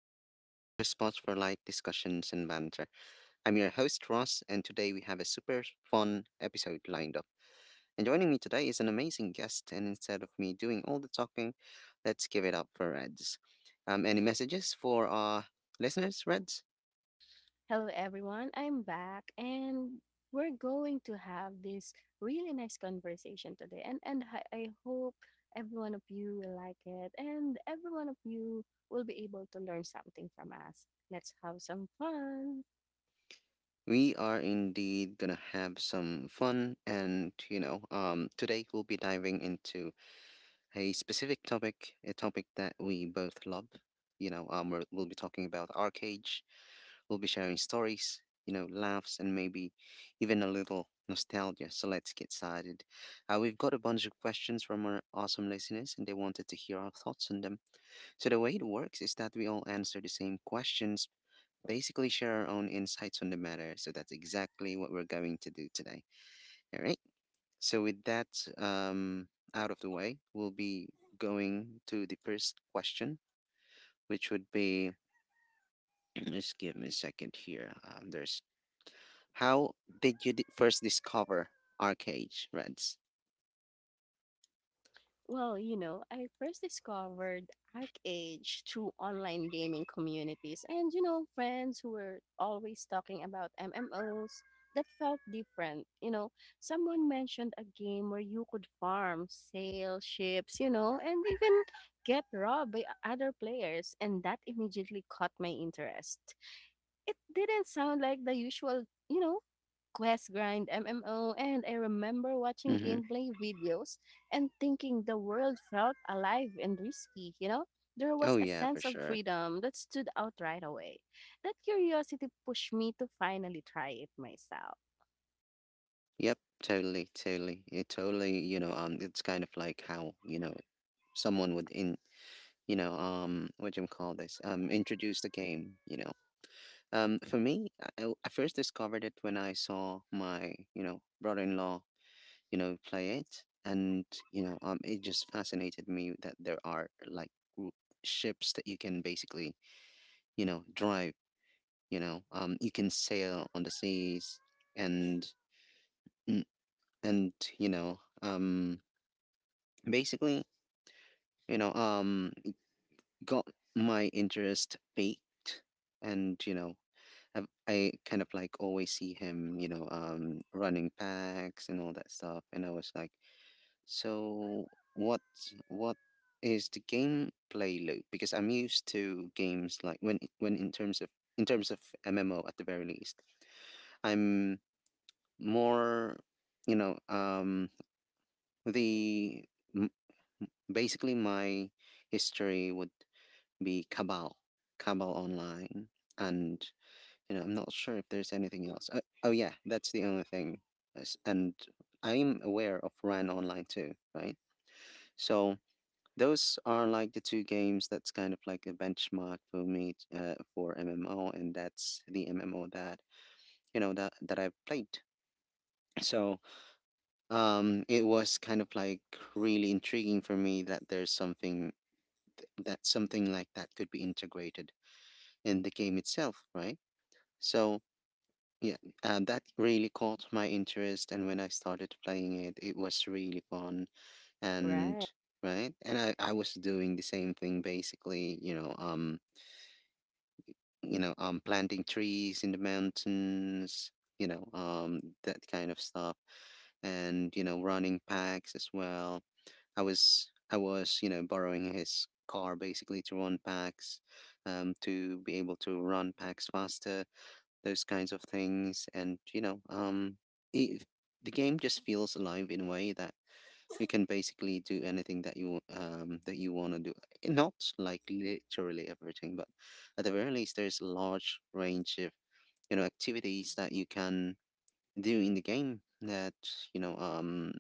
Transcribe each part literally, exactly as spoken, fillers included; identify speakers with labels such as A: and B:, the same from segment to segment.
A: Podcast, your spot for light discussions and banter. I'm your host, Ross, and today we have a super fun episode lined up. And joining me today is an amazing guest, and instead of me doing all the talking, let's give it up for Reds. Um, any messages for our listeners, Reds?
B: Hello, everyone. I'm back, and we're going to have this really nice conversation today. And and I, I hope every one of you will like it, and every one of you will be able to learn something from us. Let's have some fun.
A: We are indeed gonna have some fun, and you know, um, today we'll be diving into a specific topic, a topic that we both love. You know, um, we're, we'll be talking about our cage. We'll be sharing stories, you know, laughs, and maybe even a little nostalgia. So let's get started. Uh, we've got a bunch of questions from our awesome listeners, and they wanted to hear our thoughts on them. So the way it works is that we all answer the same questions. Basically, share our own insights on the matter. So that's exactly what we're going to do today. All right. So, with that um, out of the way, we'll be going to the first question, which would be just give me a second here. Um, there's how did you di- first discover Arcade, Reds?
B: Well, you know, I first discovered ArcAge through online gaming communities and, you know, friends who were always talking about M M Os that felt different. You know, someone mentioned a game where you could farm, sail ships, you know, and even get robbed by o- other players. And that immediately caught my interest. It didn't sound like the usual, you know, Quest Grind M M O, and I remember watching
A: Mm-hmm.
B: gameplay videos and thinking the world felt alive and risky, you know? There was
A: Oh,
B: a
A: yeah, for
B: sense of
A: sure.
B: freedom that stood out right away. That curiosity pushed me to finally try it myself.
A: Yep, totally, totally. It totally, you know, um, It's kind of like how, you know, someone would in you know um what do you call this um introduce the game. You know um for me, I, I first discovered it when I saw my, you know, brother-in-law, you know, play it. And, you know, um, it just fascinated me that there are like w- ships that you can basically, you know, drive, you know, um, you can sail on the seas and, mm, and, you know, um, basically, you know, um, got my interest peaked, and, you know, I, I kind of like always see him, you know, um, running packs and all that stuff. And I was like, So what what is the gameplay loop? Because I'm used to games like when when in terms of in terms of M M O at the very least. I'm more, you know um the m- basically my history would be Cabal, Cabal Online, and, you know, I'm not sure if there's anything else. Uh, oh yeah, that's the only thing. Yes. And I'm aware of Ran Online too, right? So those are like the two games that's kind of like a benchmark for me, uh, for M M O, and that's the M M O that, you know that that I've played. So um, it was kind of like really intriguing for me that there's something th- that something like that could be integrated in the game itself, right? So yeah, uh, that really caught my interest, and when I started playing it, it was really fun and
B: Right.
A: right. And I, I was doing the same thing, basically, you know, um, you know, um, planting trees in the mountains, you know, um, that kind of stuff, and, you know, running packs as well. I was I was you know, borrowing his car basically to run packs, um, to be able to run packs faster, those kinds of things. And, you know, um, it, the game just feels alive in a way that you can basically do anything that you um that you want to do. eh, Not like literally everything, but at the very least, there's a large range of, you know, activities that you can do in the game. That, you know, um,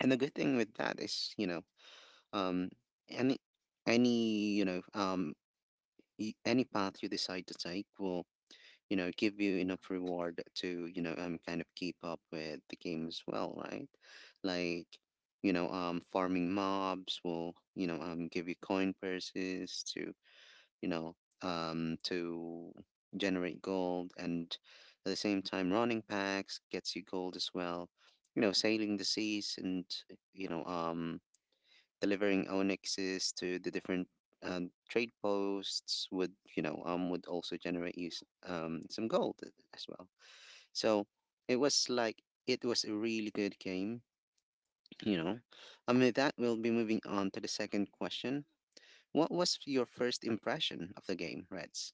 A: and the good thing with that is, you know, um, any any you know um y- any path you decide to take will, you know, give you enough reward to, you know, um, kind of keep up with the game as well, right? Like, you know, um, farming mobs will, you know, um, give you coin purses to, you know um to generate gold. And at the same time, running packs gets you gold as well. You know, sailing the seas and, you know, um, delivering onyxes to the different, um, trade posts would, you know, um, would also generate you s- um some gold as well. So it was like it was a really good game, you know. And with that, we'll be moving on to the second question. What was your first impression of the game, Reds?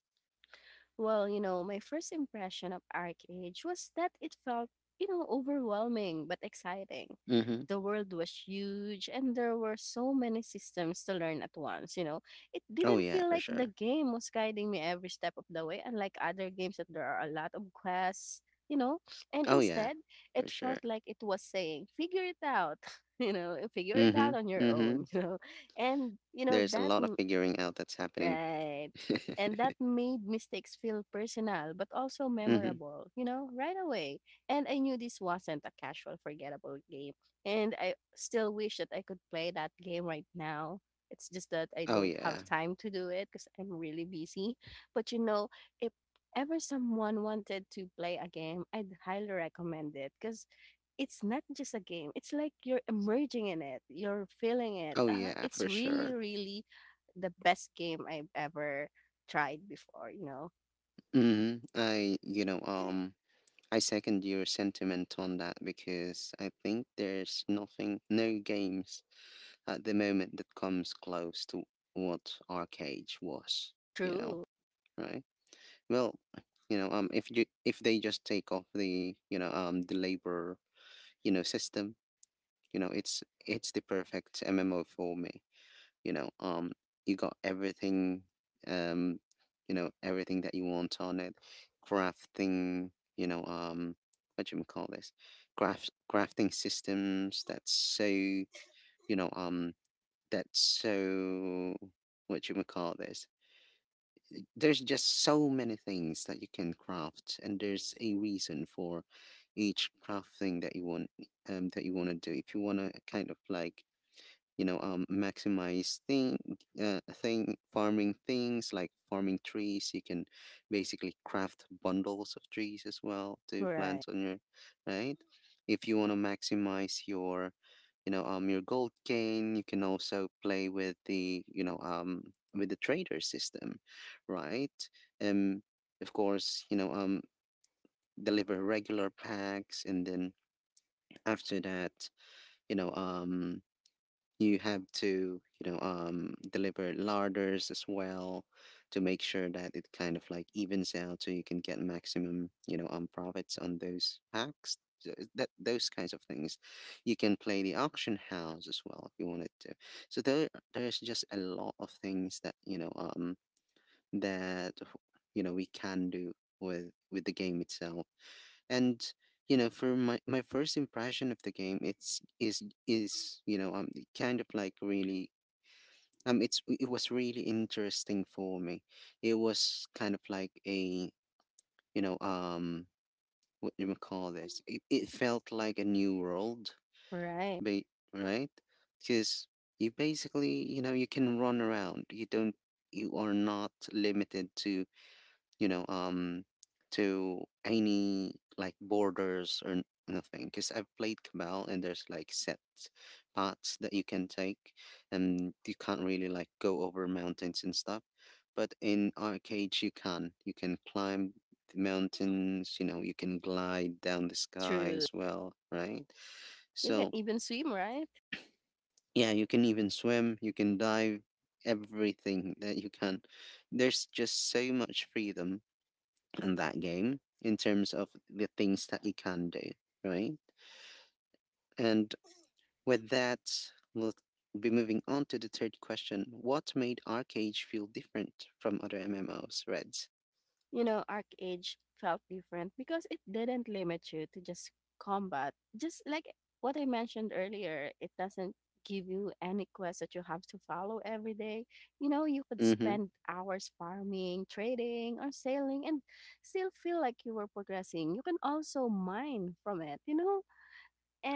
B: Well, you know, my first impression of Arcade was that it felt, you know, overwhelming but exciting.
A: Mm-hmm.
B: The world was huge and there were so many systems to learn at once, you know. It
A: Oh
B: didn't
A: yeah,
B: feel
A: for
B: like the
A: sure.
B: game was guiding me every step of the way, unlike other games that there are a lot of quests, you know. And
A: Oh yeah,
B: instead,
A: for
B: it
A: sure.
B: felt like it was saying, figure it out, you know, figure it
A: Mm-hmm.
B: out on your
A: Mm-hmm.
B: own, you know. And, you know,
A: There's a
B: that
A: lot of figuring out that's happening.
B: Right. And that made mistakes feel personal, but also
A: Mm-hmm.
B: memorable, you know, right away. And I knew this wasn't a casual, forgettable game. And I still wish that I could play that game right now. It's just that I
A: Oh
B: don't
A: yeah.
B: have time to do it because I'm really busy. But, you know, if ever someone wanted to play a game, I'd highly recommend it because it's not just a game. It's like you're emerging in it. You're feeling it.
A: Oh
B: Uh,
A: yeah,
B: it's
A: for sure.
B: really, really the best game I've ever tried before, you know.
A: Mm-hmm. I, you know, um, I second your sentiment on that because I think there's nothing, no games at the moment that comes close to what Arcade was, you know,
B: True.
A: right? Well, you know, um, if you if they just take off the, you know, um, the labor, you know, system, you know, it's it's the perfect M M O for me, you know, um. You got everything, um, you know, everything that you want on it. Crafting, you know, um, what do you call this? Craft, crafting systems that's so, you know, um, that's so, what you call this, there's just so many things that you can craft, and there's a reason for each crafting that you want, um that you want to do. If you want to kind of like, you know, um, maximize thing uh thing farming, things like farming trees, you can basically craft bundles of trees as well to
B: Right.
A: plant on your, right. If you want to maximize your, you know, um, your gold gain, you can also play with the, you know, um, with the trader system, right? Um, of course, you know, um, deliver regular packs, and then after that, you know, um, you have to, you know, um, deliver larders as well to make sure that it kind of like evens out, so you can get maximum, you know, um, profits on those packs. So is that those kinds of things. You can play the auction house as well if you wanted to. So there there's just a lot of things that, you know, um, that, you know, we can do with with the game itself. And, you know, for my, my first impression of the game, it's is is you know, um, kind of like really, um, it's, it was really interesting for me. It was kind of like a, you know, um, what do you call this, it, it felt like a new world.
B: Right.
A: ba- right, because you basically, you know, you can run around, you don't, you are not limited to, you know, um, to any like borders or n- nothing. Because I've played Cabal and there's like set paths that you can take, and you can't really like go over mountains and stuff. But in arcades, you can. You can climb the mountains. You know, you can glide down the sky
B: True.
A: as well, right?
B: You can
A: So
B: even swim, right?
A: yeah, you can even swim. You can dive. Everything that you can. There's just so much freedom in that game in terms of the things that you can do, right? And with that, we'll be moving on to the third question. What made Arcade feel different from other M M Os, Reds?
B: You know, Arc Age felt different because it didn't limit you to just combat. Just like what I mentioned earlier, it doesn't give you any quest that you have to follow every day. You know, you could
A: Mm-hmm.
B: spend hours farming, trading, or sailing and still feel like you were progressing. You can also mine from it, you know?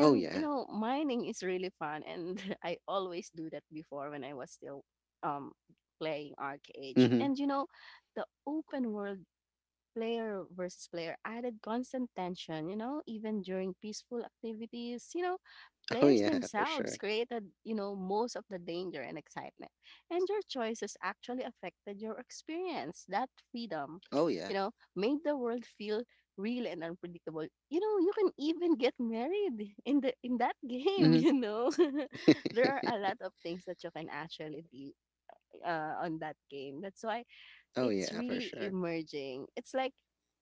A: Oh,
B: you
A: yeah.
B: know, mining is really fun, and I always do that before when I was still um playing arcade.
A: Mm-hmm.
B: And you know, the open world player versus player added constant tension, you know, even during peaceful activities, you know,
A: Oh,
B: players
A: yeah, for
B: themselves
A: sure.
B: created, you know, most of the danger and excitement. And your choices actually affected your experience. That freedom,
A: Oh, yeah.
B: you know, made the world feel real and unpredictable. You know, you can even get married in the in that game,
A: Mm-hmm.
B: you know. There are a lot of things that you can actually do uh, on that game. That's why
A: Oh,
B: it's
A: yeah, for
B: really
A: sure.
B: emerging. It's like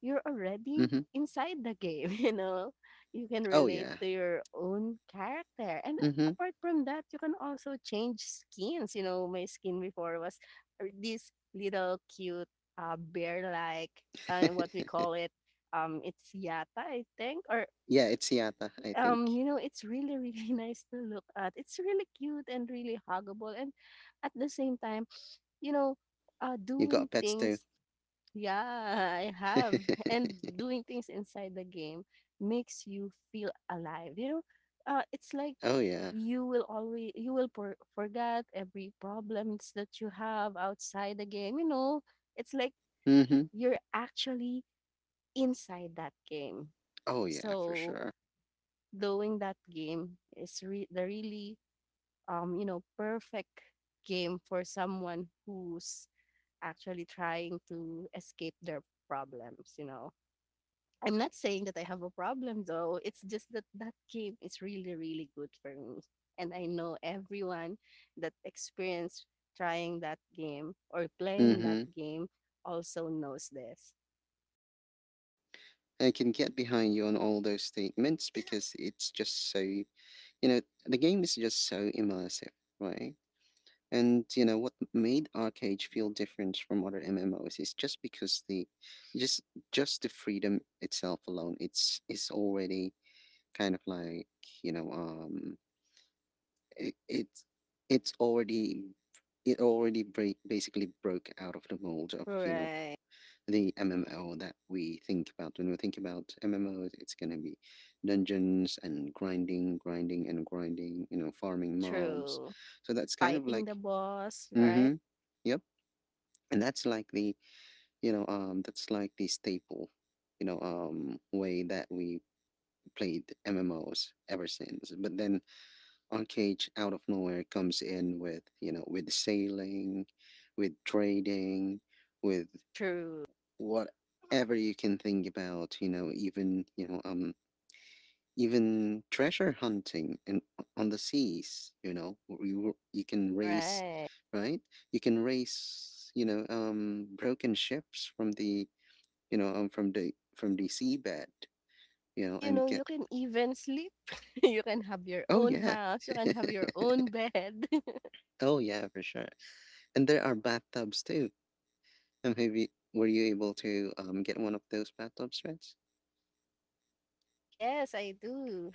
B: you're already
A: Mm-hmm.
B: inside the game, you know? You can
A: Oh,
B: relate
A: yeah.
B: to your own character. And
A: Mm-hmm.
B: apart from that, you can also change skins. You know, my skin before was er, this little cute uh, bear like, uh, what we call it. Um, it's yata, I think, or
A: Yeah, it's Yata, I think.
B: um, you know, it's really, really nice to look at. It's really cute and really huggable, and at the same time, you know, uh,
A: You
B: doing
A: got pets too.
B: things yeah, I have. And doing things inside the game makes you feel alive. You know, uh, it's like
A: Oh, yeah.
B: you will always you will for, forget every problems that you have outside the game. You know, it's like
A: Mm-hmm.
B: you're actually inside that game.
A: Oh, yeah, for
B: So
A: sure.
B: doing that game is re- the really um you know, perfect game for someone who's actually trying to escape their problems. You know. I'm not saying that I have a problem though. It's just that that game is really, really good for me. And I know everyone that experienced trying that game or playing that
A: Mm-hmm.
B: game also knows this.
A: I can get behind you on all those statements because it's just so, you know, the game is just so immersive, right? And you know what made Arcade feel different from other M M Os is just because the just just the freedom itself alone, it's it's already kind of like, you know, um, it, it's it's already, it already break, basically broke out of the mold of, you know,
B: Right.
A: the M M O that we think about. When we think about M M Os, it's gonna be dungeons and grinding, grinding and grinding, you know, farming mobs.
B: True.
A: So that's kind of
B: Fighting
A: like,
B: the boss, right?
A: mm-hmm, yep. And that's like the, you know, um, that's like the staple, you know, um, way that we played M M Os ever since. But then Arcade out of nowhere comes in with, you know, with sailing, with trading, with
B: True.
A: whatever you can think about, you know, even, you know, um, even treasure hunting and on the seas, you know, where you, you can race,
B: Right.
A: right? You can race, you know, um, broken ships from the, you know, um, from the, from the seabed, you know,
B: You
A: and
B: know,
A: get,
B: you can even sleep. You can have your
A: oh
B: own
A: yeah.
B: house. You can have your own bed.
A: Oh yeah, for sure. And there are bathtubs too. And maybe, were you able to, um, get one of those bathtub sets?
B: Yes, I do.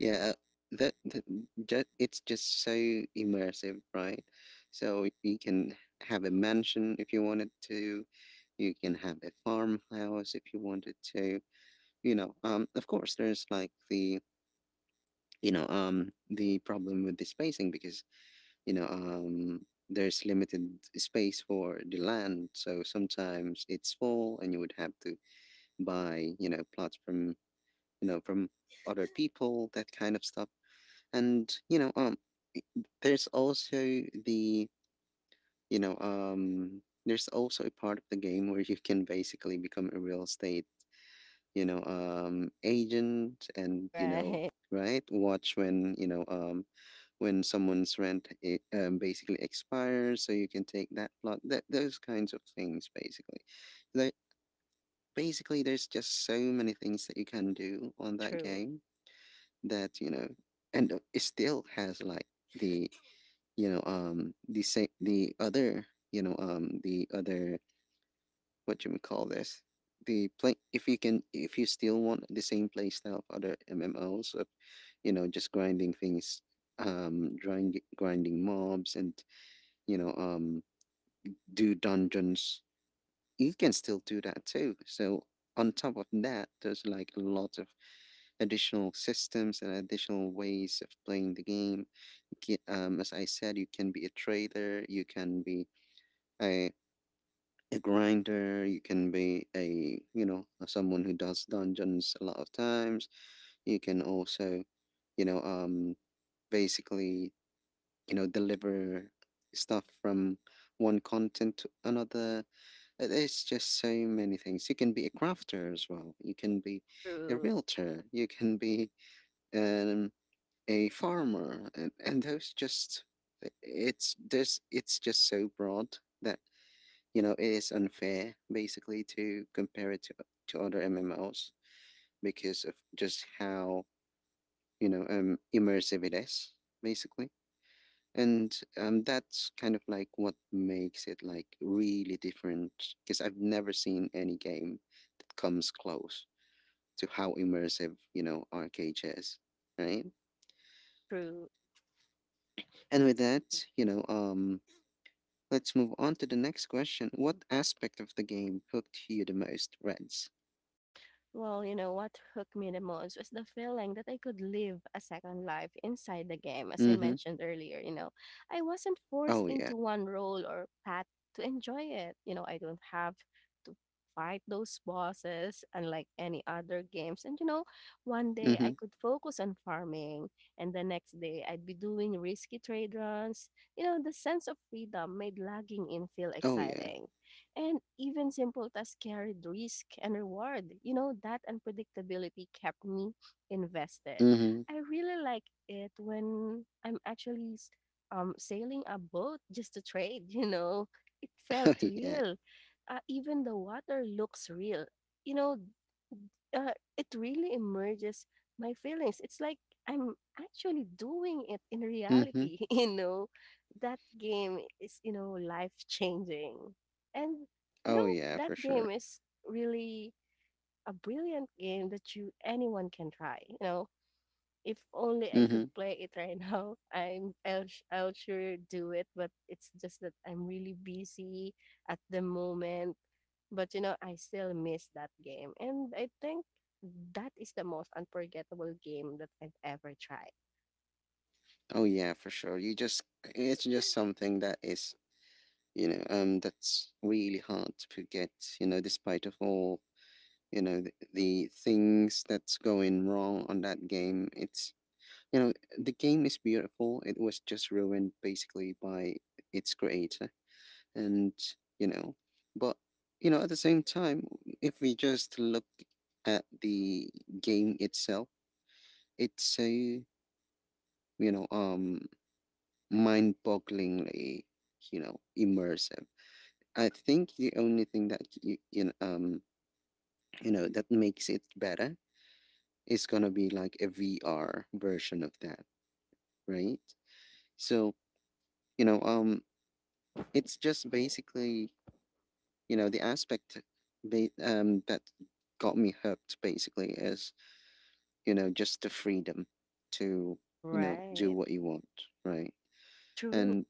A: Yeah, that, that ju it's just so immersive, right? So you can have a mansion if you wanted to. You can have a farmhouse if you wanted to. You know, um, of course, there's like the you know um the problem with the spacing because you know um there's limited space for the land, so sometimes it's full and you would have to buy, you know plots from you know from other people, that kind of stuff. And you know um there's also the you know um there's also a part of the game where you can basically become a real estate you know um agent, and you know
B: Right.
A: right, watch when you know um when someone's rent i- um, basically expires so you can take that plot, that those kinds of things basically. like Basically there's just so many things that you can do on that
B: True.
A: game that you know and uh, it still has like the you know um the same the other you know um the other, what you would call this, the play, if you can, if you still want the same play style of other MMOs, of you know just grinding things. Um grinding, grinding mobs and you know um do dungeons, you can still do that too. So on top of that there's like a lot of additional systems and additional ways of playing the game. Ki- um, as I said, you can be a trader, you can be a a grinder, you can be a you know someone who does dungeons a lot of times. You can also you know um basically you know deliver stuff from one content to another. Uh, there's just so many things. You can be a crafter as well, you can be a
B: True.
A: realtor, you can be um a farmer, and, and those just, it's, there's it's just so broad that, you know, it is unfair basically to compare it to, to other M M Os, because of just how, you know, um, immersive it is basically. And um, that's kind of like what makes it like really different, because I've never seen any game that comes close to how immersive, you know, Arcade is, right?
B: True.
A: And with that, you know, um, let's move on to the next question. What aspect of the game hooked you the most, Reds?
B: Well, you know, what hooked me the most was the feeling that I could live a second life inside the game, as I
A: Mm-hmm.
B: mentioned earlier. You know, I wasn't forced
A: Oh yeah.
B: into one role or path to enjoy it. You know, I don't have to fight those bosses, unlike any other games. And, you know, one day I
A: Mm-hmm.
B: could focus on farming, and the next day I'd be doing risky trade runs. You know, the sense of freedom made logging in feel
A: Oh yeah.
B: exciting. And even simple tasks carried risk and reward. You know, that unpredictability kept me invested.
A: Mhm.
B: I really like it when I'm actually s- um, sailing a boat just to trade, you know. It felt
A: Oh yeah.
B: real. Uh, even the water looks real. You know, uh, it really emerges my feelings. It's like I'm actually doing it in
A: Mhm.
B: reality, you know. That game is, you know, life changing. And you
A: Oh
B: know,
A: yeah,
B: that
A: for
B: game
A: sure.
B: is really a brilliant game that you anyone can try, you know, if only I could
A: Mhm.
B: play it right now, I'm I'll sh- I'll sure do it. But it's just that I'm really busy at the moment. But you know, I still miss that game, and I think that is the most unforgettable game that I've ever tried.
A: Oh yeah, for sure. You just, it's just something that is, you know, um that's really hard to forget, you know, despite of all, you know, the, the things that's going wrong on that game. It's, you know, the game is beautiful. It was just ruined basically by its creator. And, you know, but you know, at the same time, if we just look at the game itself, it's a, you know, um, mind-bogglingly, you know, immersive. I think the only thing that you, you know, um, you know, that makes it better is gonna be like a V R version of that, right? So, you know, um, it's just basically, you know, the aspect ba- um, that got me hooked basically is, you know, just the freedom to, you know, do
B: Right.
A: what you want, right?
B: True.
A: And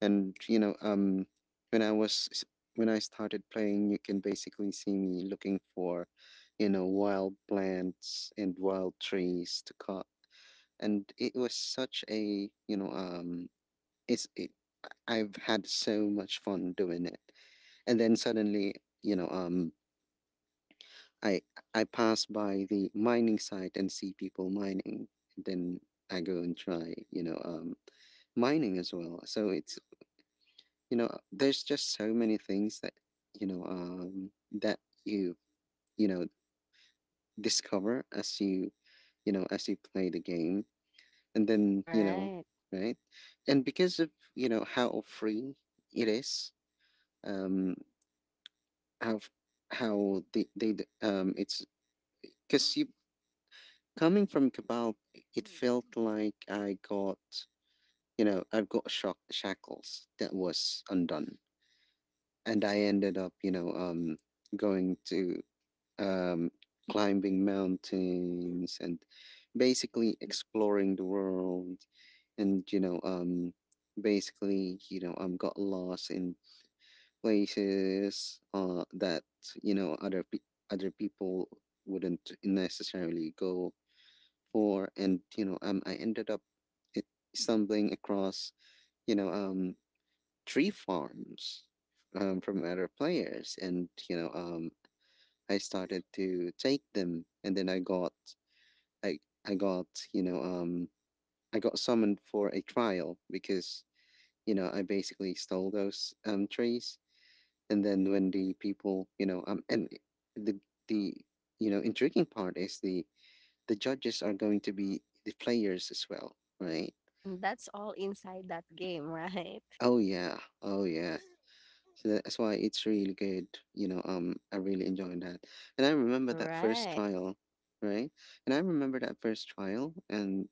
A: And you know, um, when I was, when I started playing, you can basically see me looking for, you know, wild plants and wild trees to cut. And it was such a, you know, um, it's, it, I've had so much fun doing it. And then suddenly, you know, um, I I pass by the mining site and see people mining. And then I go and try, you know, um, mining as well. So it's, you know there's just so many things that you know um that you you know discover as you, you know as you play the game. And then, you know
B: Right.
A: right. And because of, you know how free it is, um how f- how they they d- um it's because you, coming from Cabal, it felt like I got, you know I've got shock shackles that was undone. And I ended up, you know um going to, um, climbing mountains and basically exploring the world. And you know um basically you know um got lost in places, uh that, you know other pe- other people wouldn't necessarily go for. And you know um I ended up, it, stumbling across you know um tree farms um from other players. And you know um I started to take them, and then I got I I got you know um I got summoned for a trial because, you know, I basically stole those um trees. And then when the people, you know um and the the you know intriguing part is the the judges are going to be the players as well, right?
B: And that's all inside that game, right?
A: Oh yeah, oh yeah. So that's why it's really good. You know, um, I really enjoyed that. And I remember that first
B: Right.
A: trial, right? And I remember that first trial, and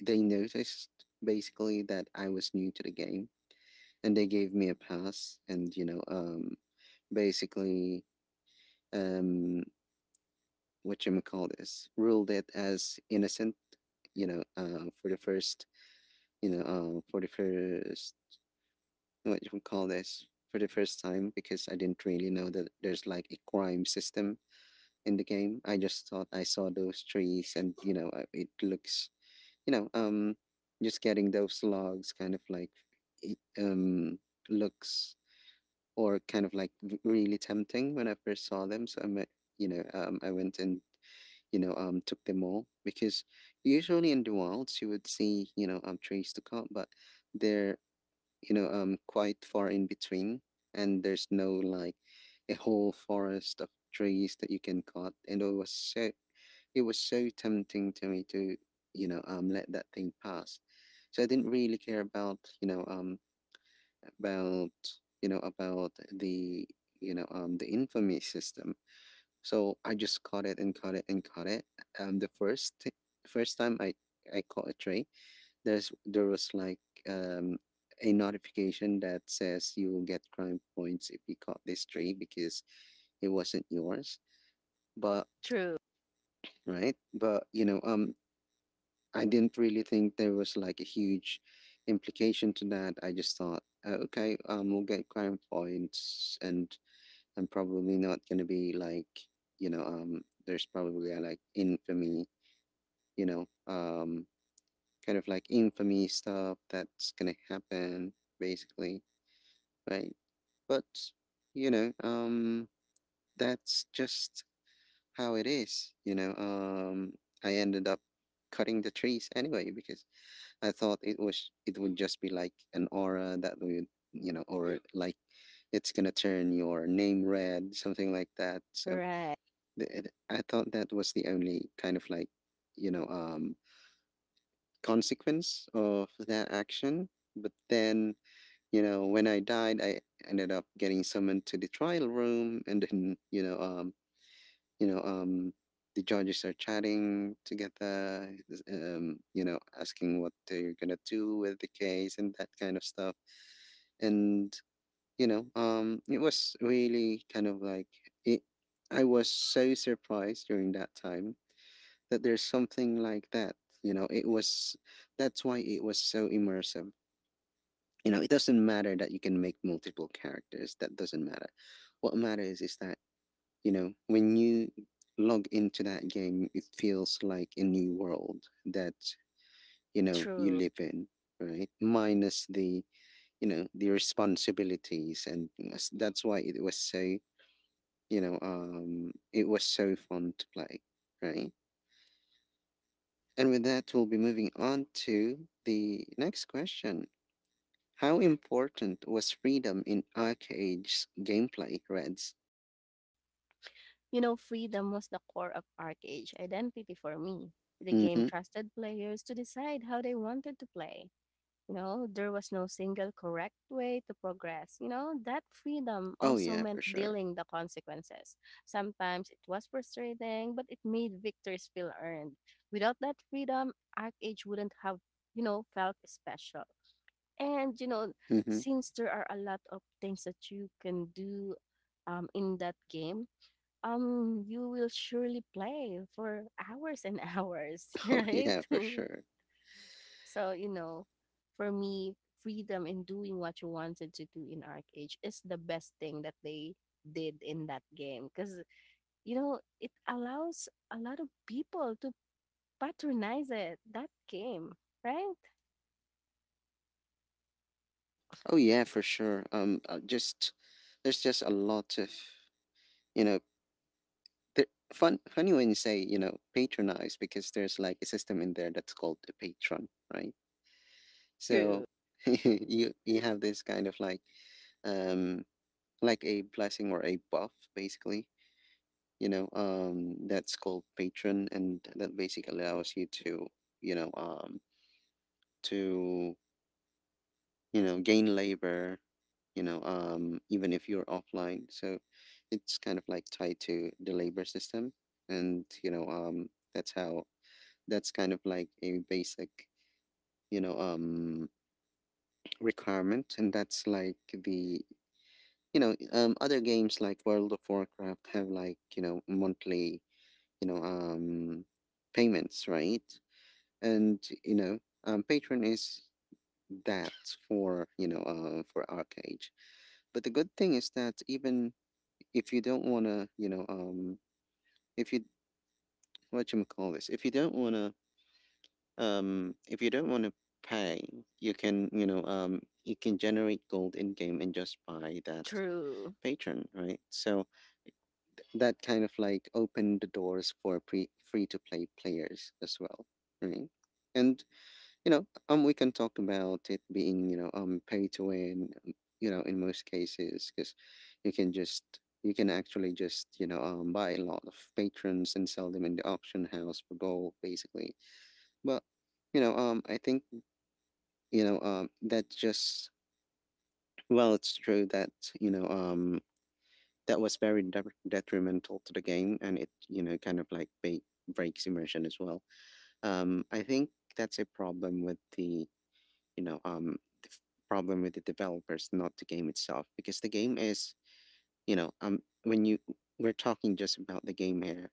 A: they noticed basically that I was new to the game, and they gave me a pass. And you know, um, basically, um, what you call this, ruled it as innocent. You know, uh, for the first, you know, uh, for the first, what you call this, for the first time, because I didn't really know that there's like a crime system in the game. I just thought I saw those trees, and, you know, uh, it looks, you know, um, just getting those logs kind of like, it, um, looks, or kind of like r- really tempting when I first saw them. So I'm, uh, you know, um, I went and, you know, um, took them all, because usually in the wilds you would see, you know, um, trees to cut, but there, you know, um, quite far in between, and there's no like a whole forest of trees that you can cut. And it was so, it was so tempting to me to, you know um let that thing pass. So I didn't really care about, you know um about you know about the you know um the infamy system. So I just caught it and caught it and caught it. Um, the first first time I I caught a tray, there's there was like um a notification that says you will get crime points if you caught this tree, because it wasn't yours. But
B: True.
A: Right. But you know, um, I didn't really think there was like a huge implication to that. I just thought, uh, okay, um, we'll get crime points, and I'm probably not gonna be like, you know, um, there's probably a, like infamy, you know, um, kind of like infamy stuff that's gonna happen basically, right? But, you know, um, that's just how it is. You know, um, I ended up cutting the trees anyway, because I thought it was, it would just be like an aura that would, you know, or like it's gonna turn your name red, something like that. So
B: Right.
A: th- it, I thought that was the only kind of like you know um consequence of that action. But then, you know, when I died, I ended up getting summoned to the trial room. And then you know, um, you know, um, the judges are chatting together, um, you know, asking what they're gonna do with the case and that kind of stuff. And you know, um, it was really kind of like it. I was so surprised during that time that there's something like that. You know, it was, that's why it was so immersive. You know, it doesn't matter that you can make multiple characters, that doesn't matter. What matters is that, you know, when you log into that game, it feels like a new world that, you know, you
B: True.
A: live in, right? Minus the, you know, the responsibilities and s- that's why it was so, you know um it was so fun to play, right? And with that, we'll be moving on to the next question. How important was freedom in Arcade's gameplay, Reds?
B: You know, freedom was the core of ArcAge identity for me. The game
A: Mm-hmm.
B: trusted players to decide how they wanted to play. You know, there was no single correct way to progress. You know, that freedom
A: Oh
B: also
A: yeah,
B: meant
A: for sure.
B: dealing the consequences. Sometimes it was frustrating, but it made victories feel earned. Without that freedom, ArcAge wouldn't have, you know, felt special. And, you know,
A: Mm-hmm.
B: since there are a lot of things that you can do um, in that game, um you will surely play for hours and hours.
A: Oh
B: Right.
A: yeah, for sure.
B: So you know, for me, freedom in doing what you wanted to do in arc age is the best thing that they did in that game, because you know, it allows a lot of people to patronize it that game. Right.
A: Oh yeah, for sure. Um, uh, just, there's just a lot of, you know, th- fun. Funny when you say, you know, patronize, because there's like a system in there that's called the patron, right?
B: True.
A: So you you have this kind of like um like a blessing or a buff basically. You know um that's called patron, and that basically allows you to you know um to you know gain labor, you know um even if you're offline. So it's kind of like tied to the labor system, and you know um that's how, that's kind of like a basic you know um requirement. And that's like the you know um other games like World of Warcraft have like you know monthly you know um payments, right? And you know um, patron is that for you know uh, for arcade. But the good thing is that even if you don't want to you know um if you, what you call this, if you don't want to um if you don't want to pay, you can you know um you can generate gold in game and just buy that
B: True.
A: patron, right? So that kind of like opened the doors for pre free to play players as well, right? And. You know, um, we can talk about it being, you know, um, pay to win, um, you know, in most cases, because you can just, you can actually just, you know, um, buy a lot of patrons and sell them in the auction house for gold, basically. But, you know, um, I think, you know, um, that just, well, it's true that, you know, um, that was very de- detrimental to the game, and it, you know, kind of like ba- breaks immersion as well. Um, I think that's a problem with the you know um the f- problem with the developers, not the game itself, because the game is you know um when you, we're talking just about the game here.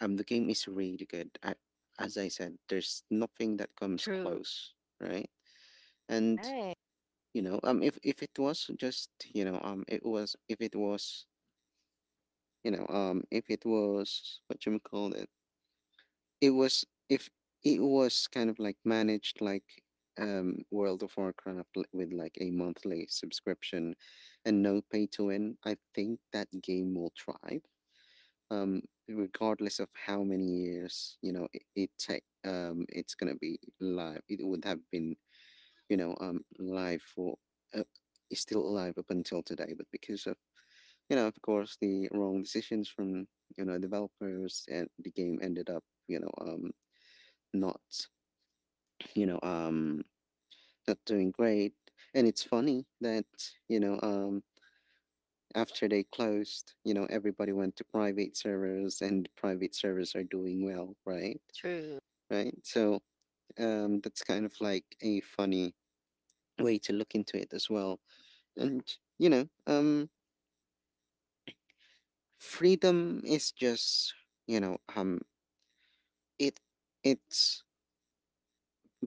A: um The game is really good. I, as I said, there's nothing that comes
B: True.
A: close, right? And
B: Right.
A: you know um if if it was just, you know um it was, if it was you know um if it was, what you may call this, it was, if it was kind of like managed like um World of Warcraft, li- with like a monthly subscription and no pay to win, I think that game will thrive. Um, Regardless of how many years, you know, it, it take um it's gonna be live. It would have been, you know, um live for uh, is still alive up until today, but because of, you know, of course, the wrong decisions from you know developers, and the game ended up you know um not, you know, um, not doing great. And it's funny that, you know, um, after they closed, you know, everybody went to private servers, and private servers are doing well, right?
B: True.
A: Right. So um, that's kind of like a funny way to look into it as well. And, you know, um, freedom is just, you know, um, it it's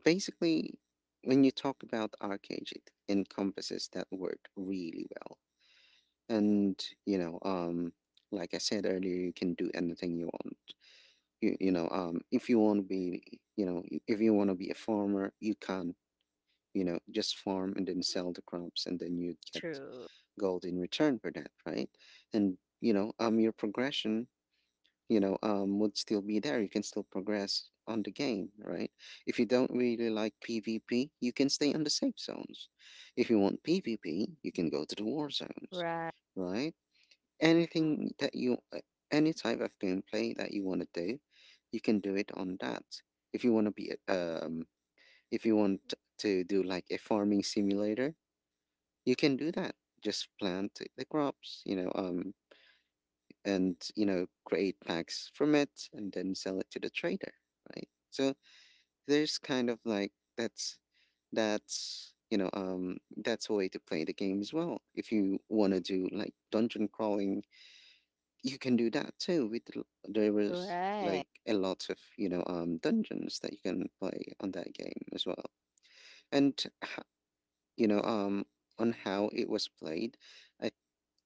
A: basically, when you talk about arcade, it encompasses that word really well. And you know um like I said earlier, you can do anything you want. You, you know um if you want to be, you know i- if you want to be a farmer, you can you know just farm and then sell the crops, and then you'd get
B: True.
A: gold in return for that, right? And you know um your progression you know um would still be there. You can still progress on the game, right? If you don't really like pvp, you can stay on the safe zones. If you want pvp, you can go to the war zones,
B: Right.
A: right? Anything that you uh, any type of gameplay that you want to do, you can do it on that. If you want to be um if you want to do like a farming simulator, you can do that. Just plant the crops, you know um and you know create packs from it and then sell it to the trader, right? So there's kind of like that's that's you know um that's a way to play the game as well. If you want to do like dungeon crawling, you can do that too with l- there was
B: Right.
A: like a lot of you know um dungeons that you can play on that game as well. And h- you know um on how it was played, I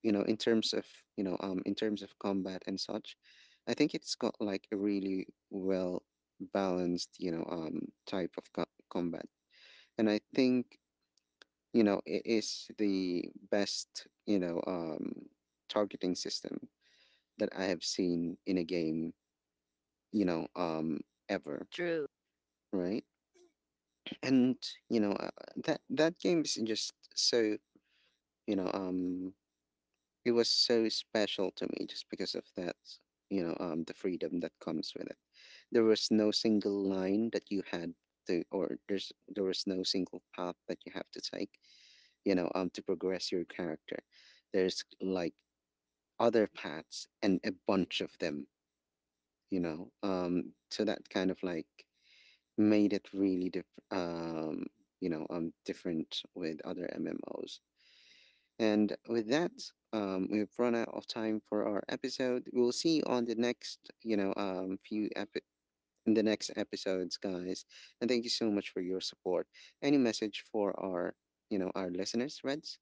A: you know in terms of you know um in terms of combat and such, I think it's got like a really well balanced you know um type of co- combat. And I think you know it is the best you know um targeting system that I have seen in a game, you know, um, ever,
B: True.
A: right? And you know uh, that that game is just so, you know, um, it was so special to me just because of that, you know, um, the freedom that comes with it. There was no single line that you had to, or there's there was no single path that you have to take, you know, um, to progress your character. There's like other paths and a bunch of them, you know, um, so that kind of like made it really diff- um, you know um, different with other M M Os. And with that, um, we've run out of time for our episode. We'll see you on the next, you know um, few epi- in the next episodes, guys. And thank you so much for your support. Any message for our you know our listeners, Reds?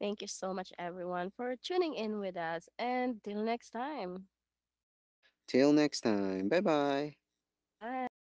B: Thank you so much, everyone, for tuning in with us. And till next time,
A: Till next time. Bye bye.
B: bye.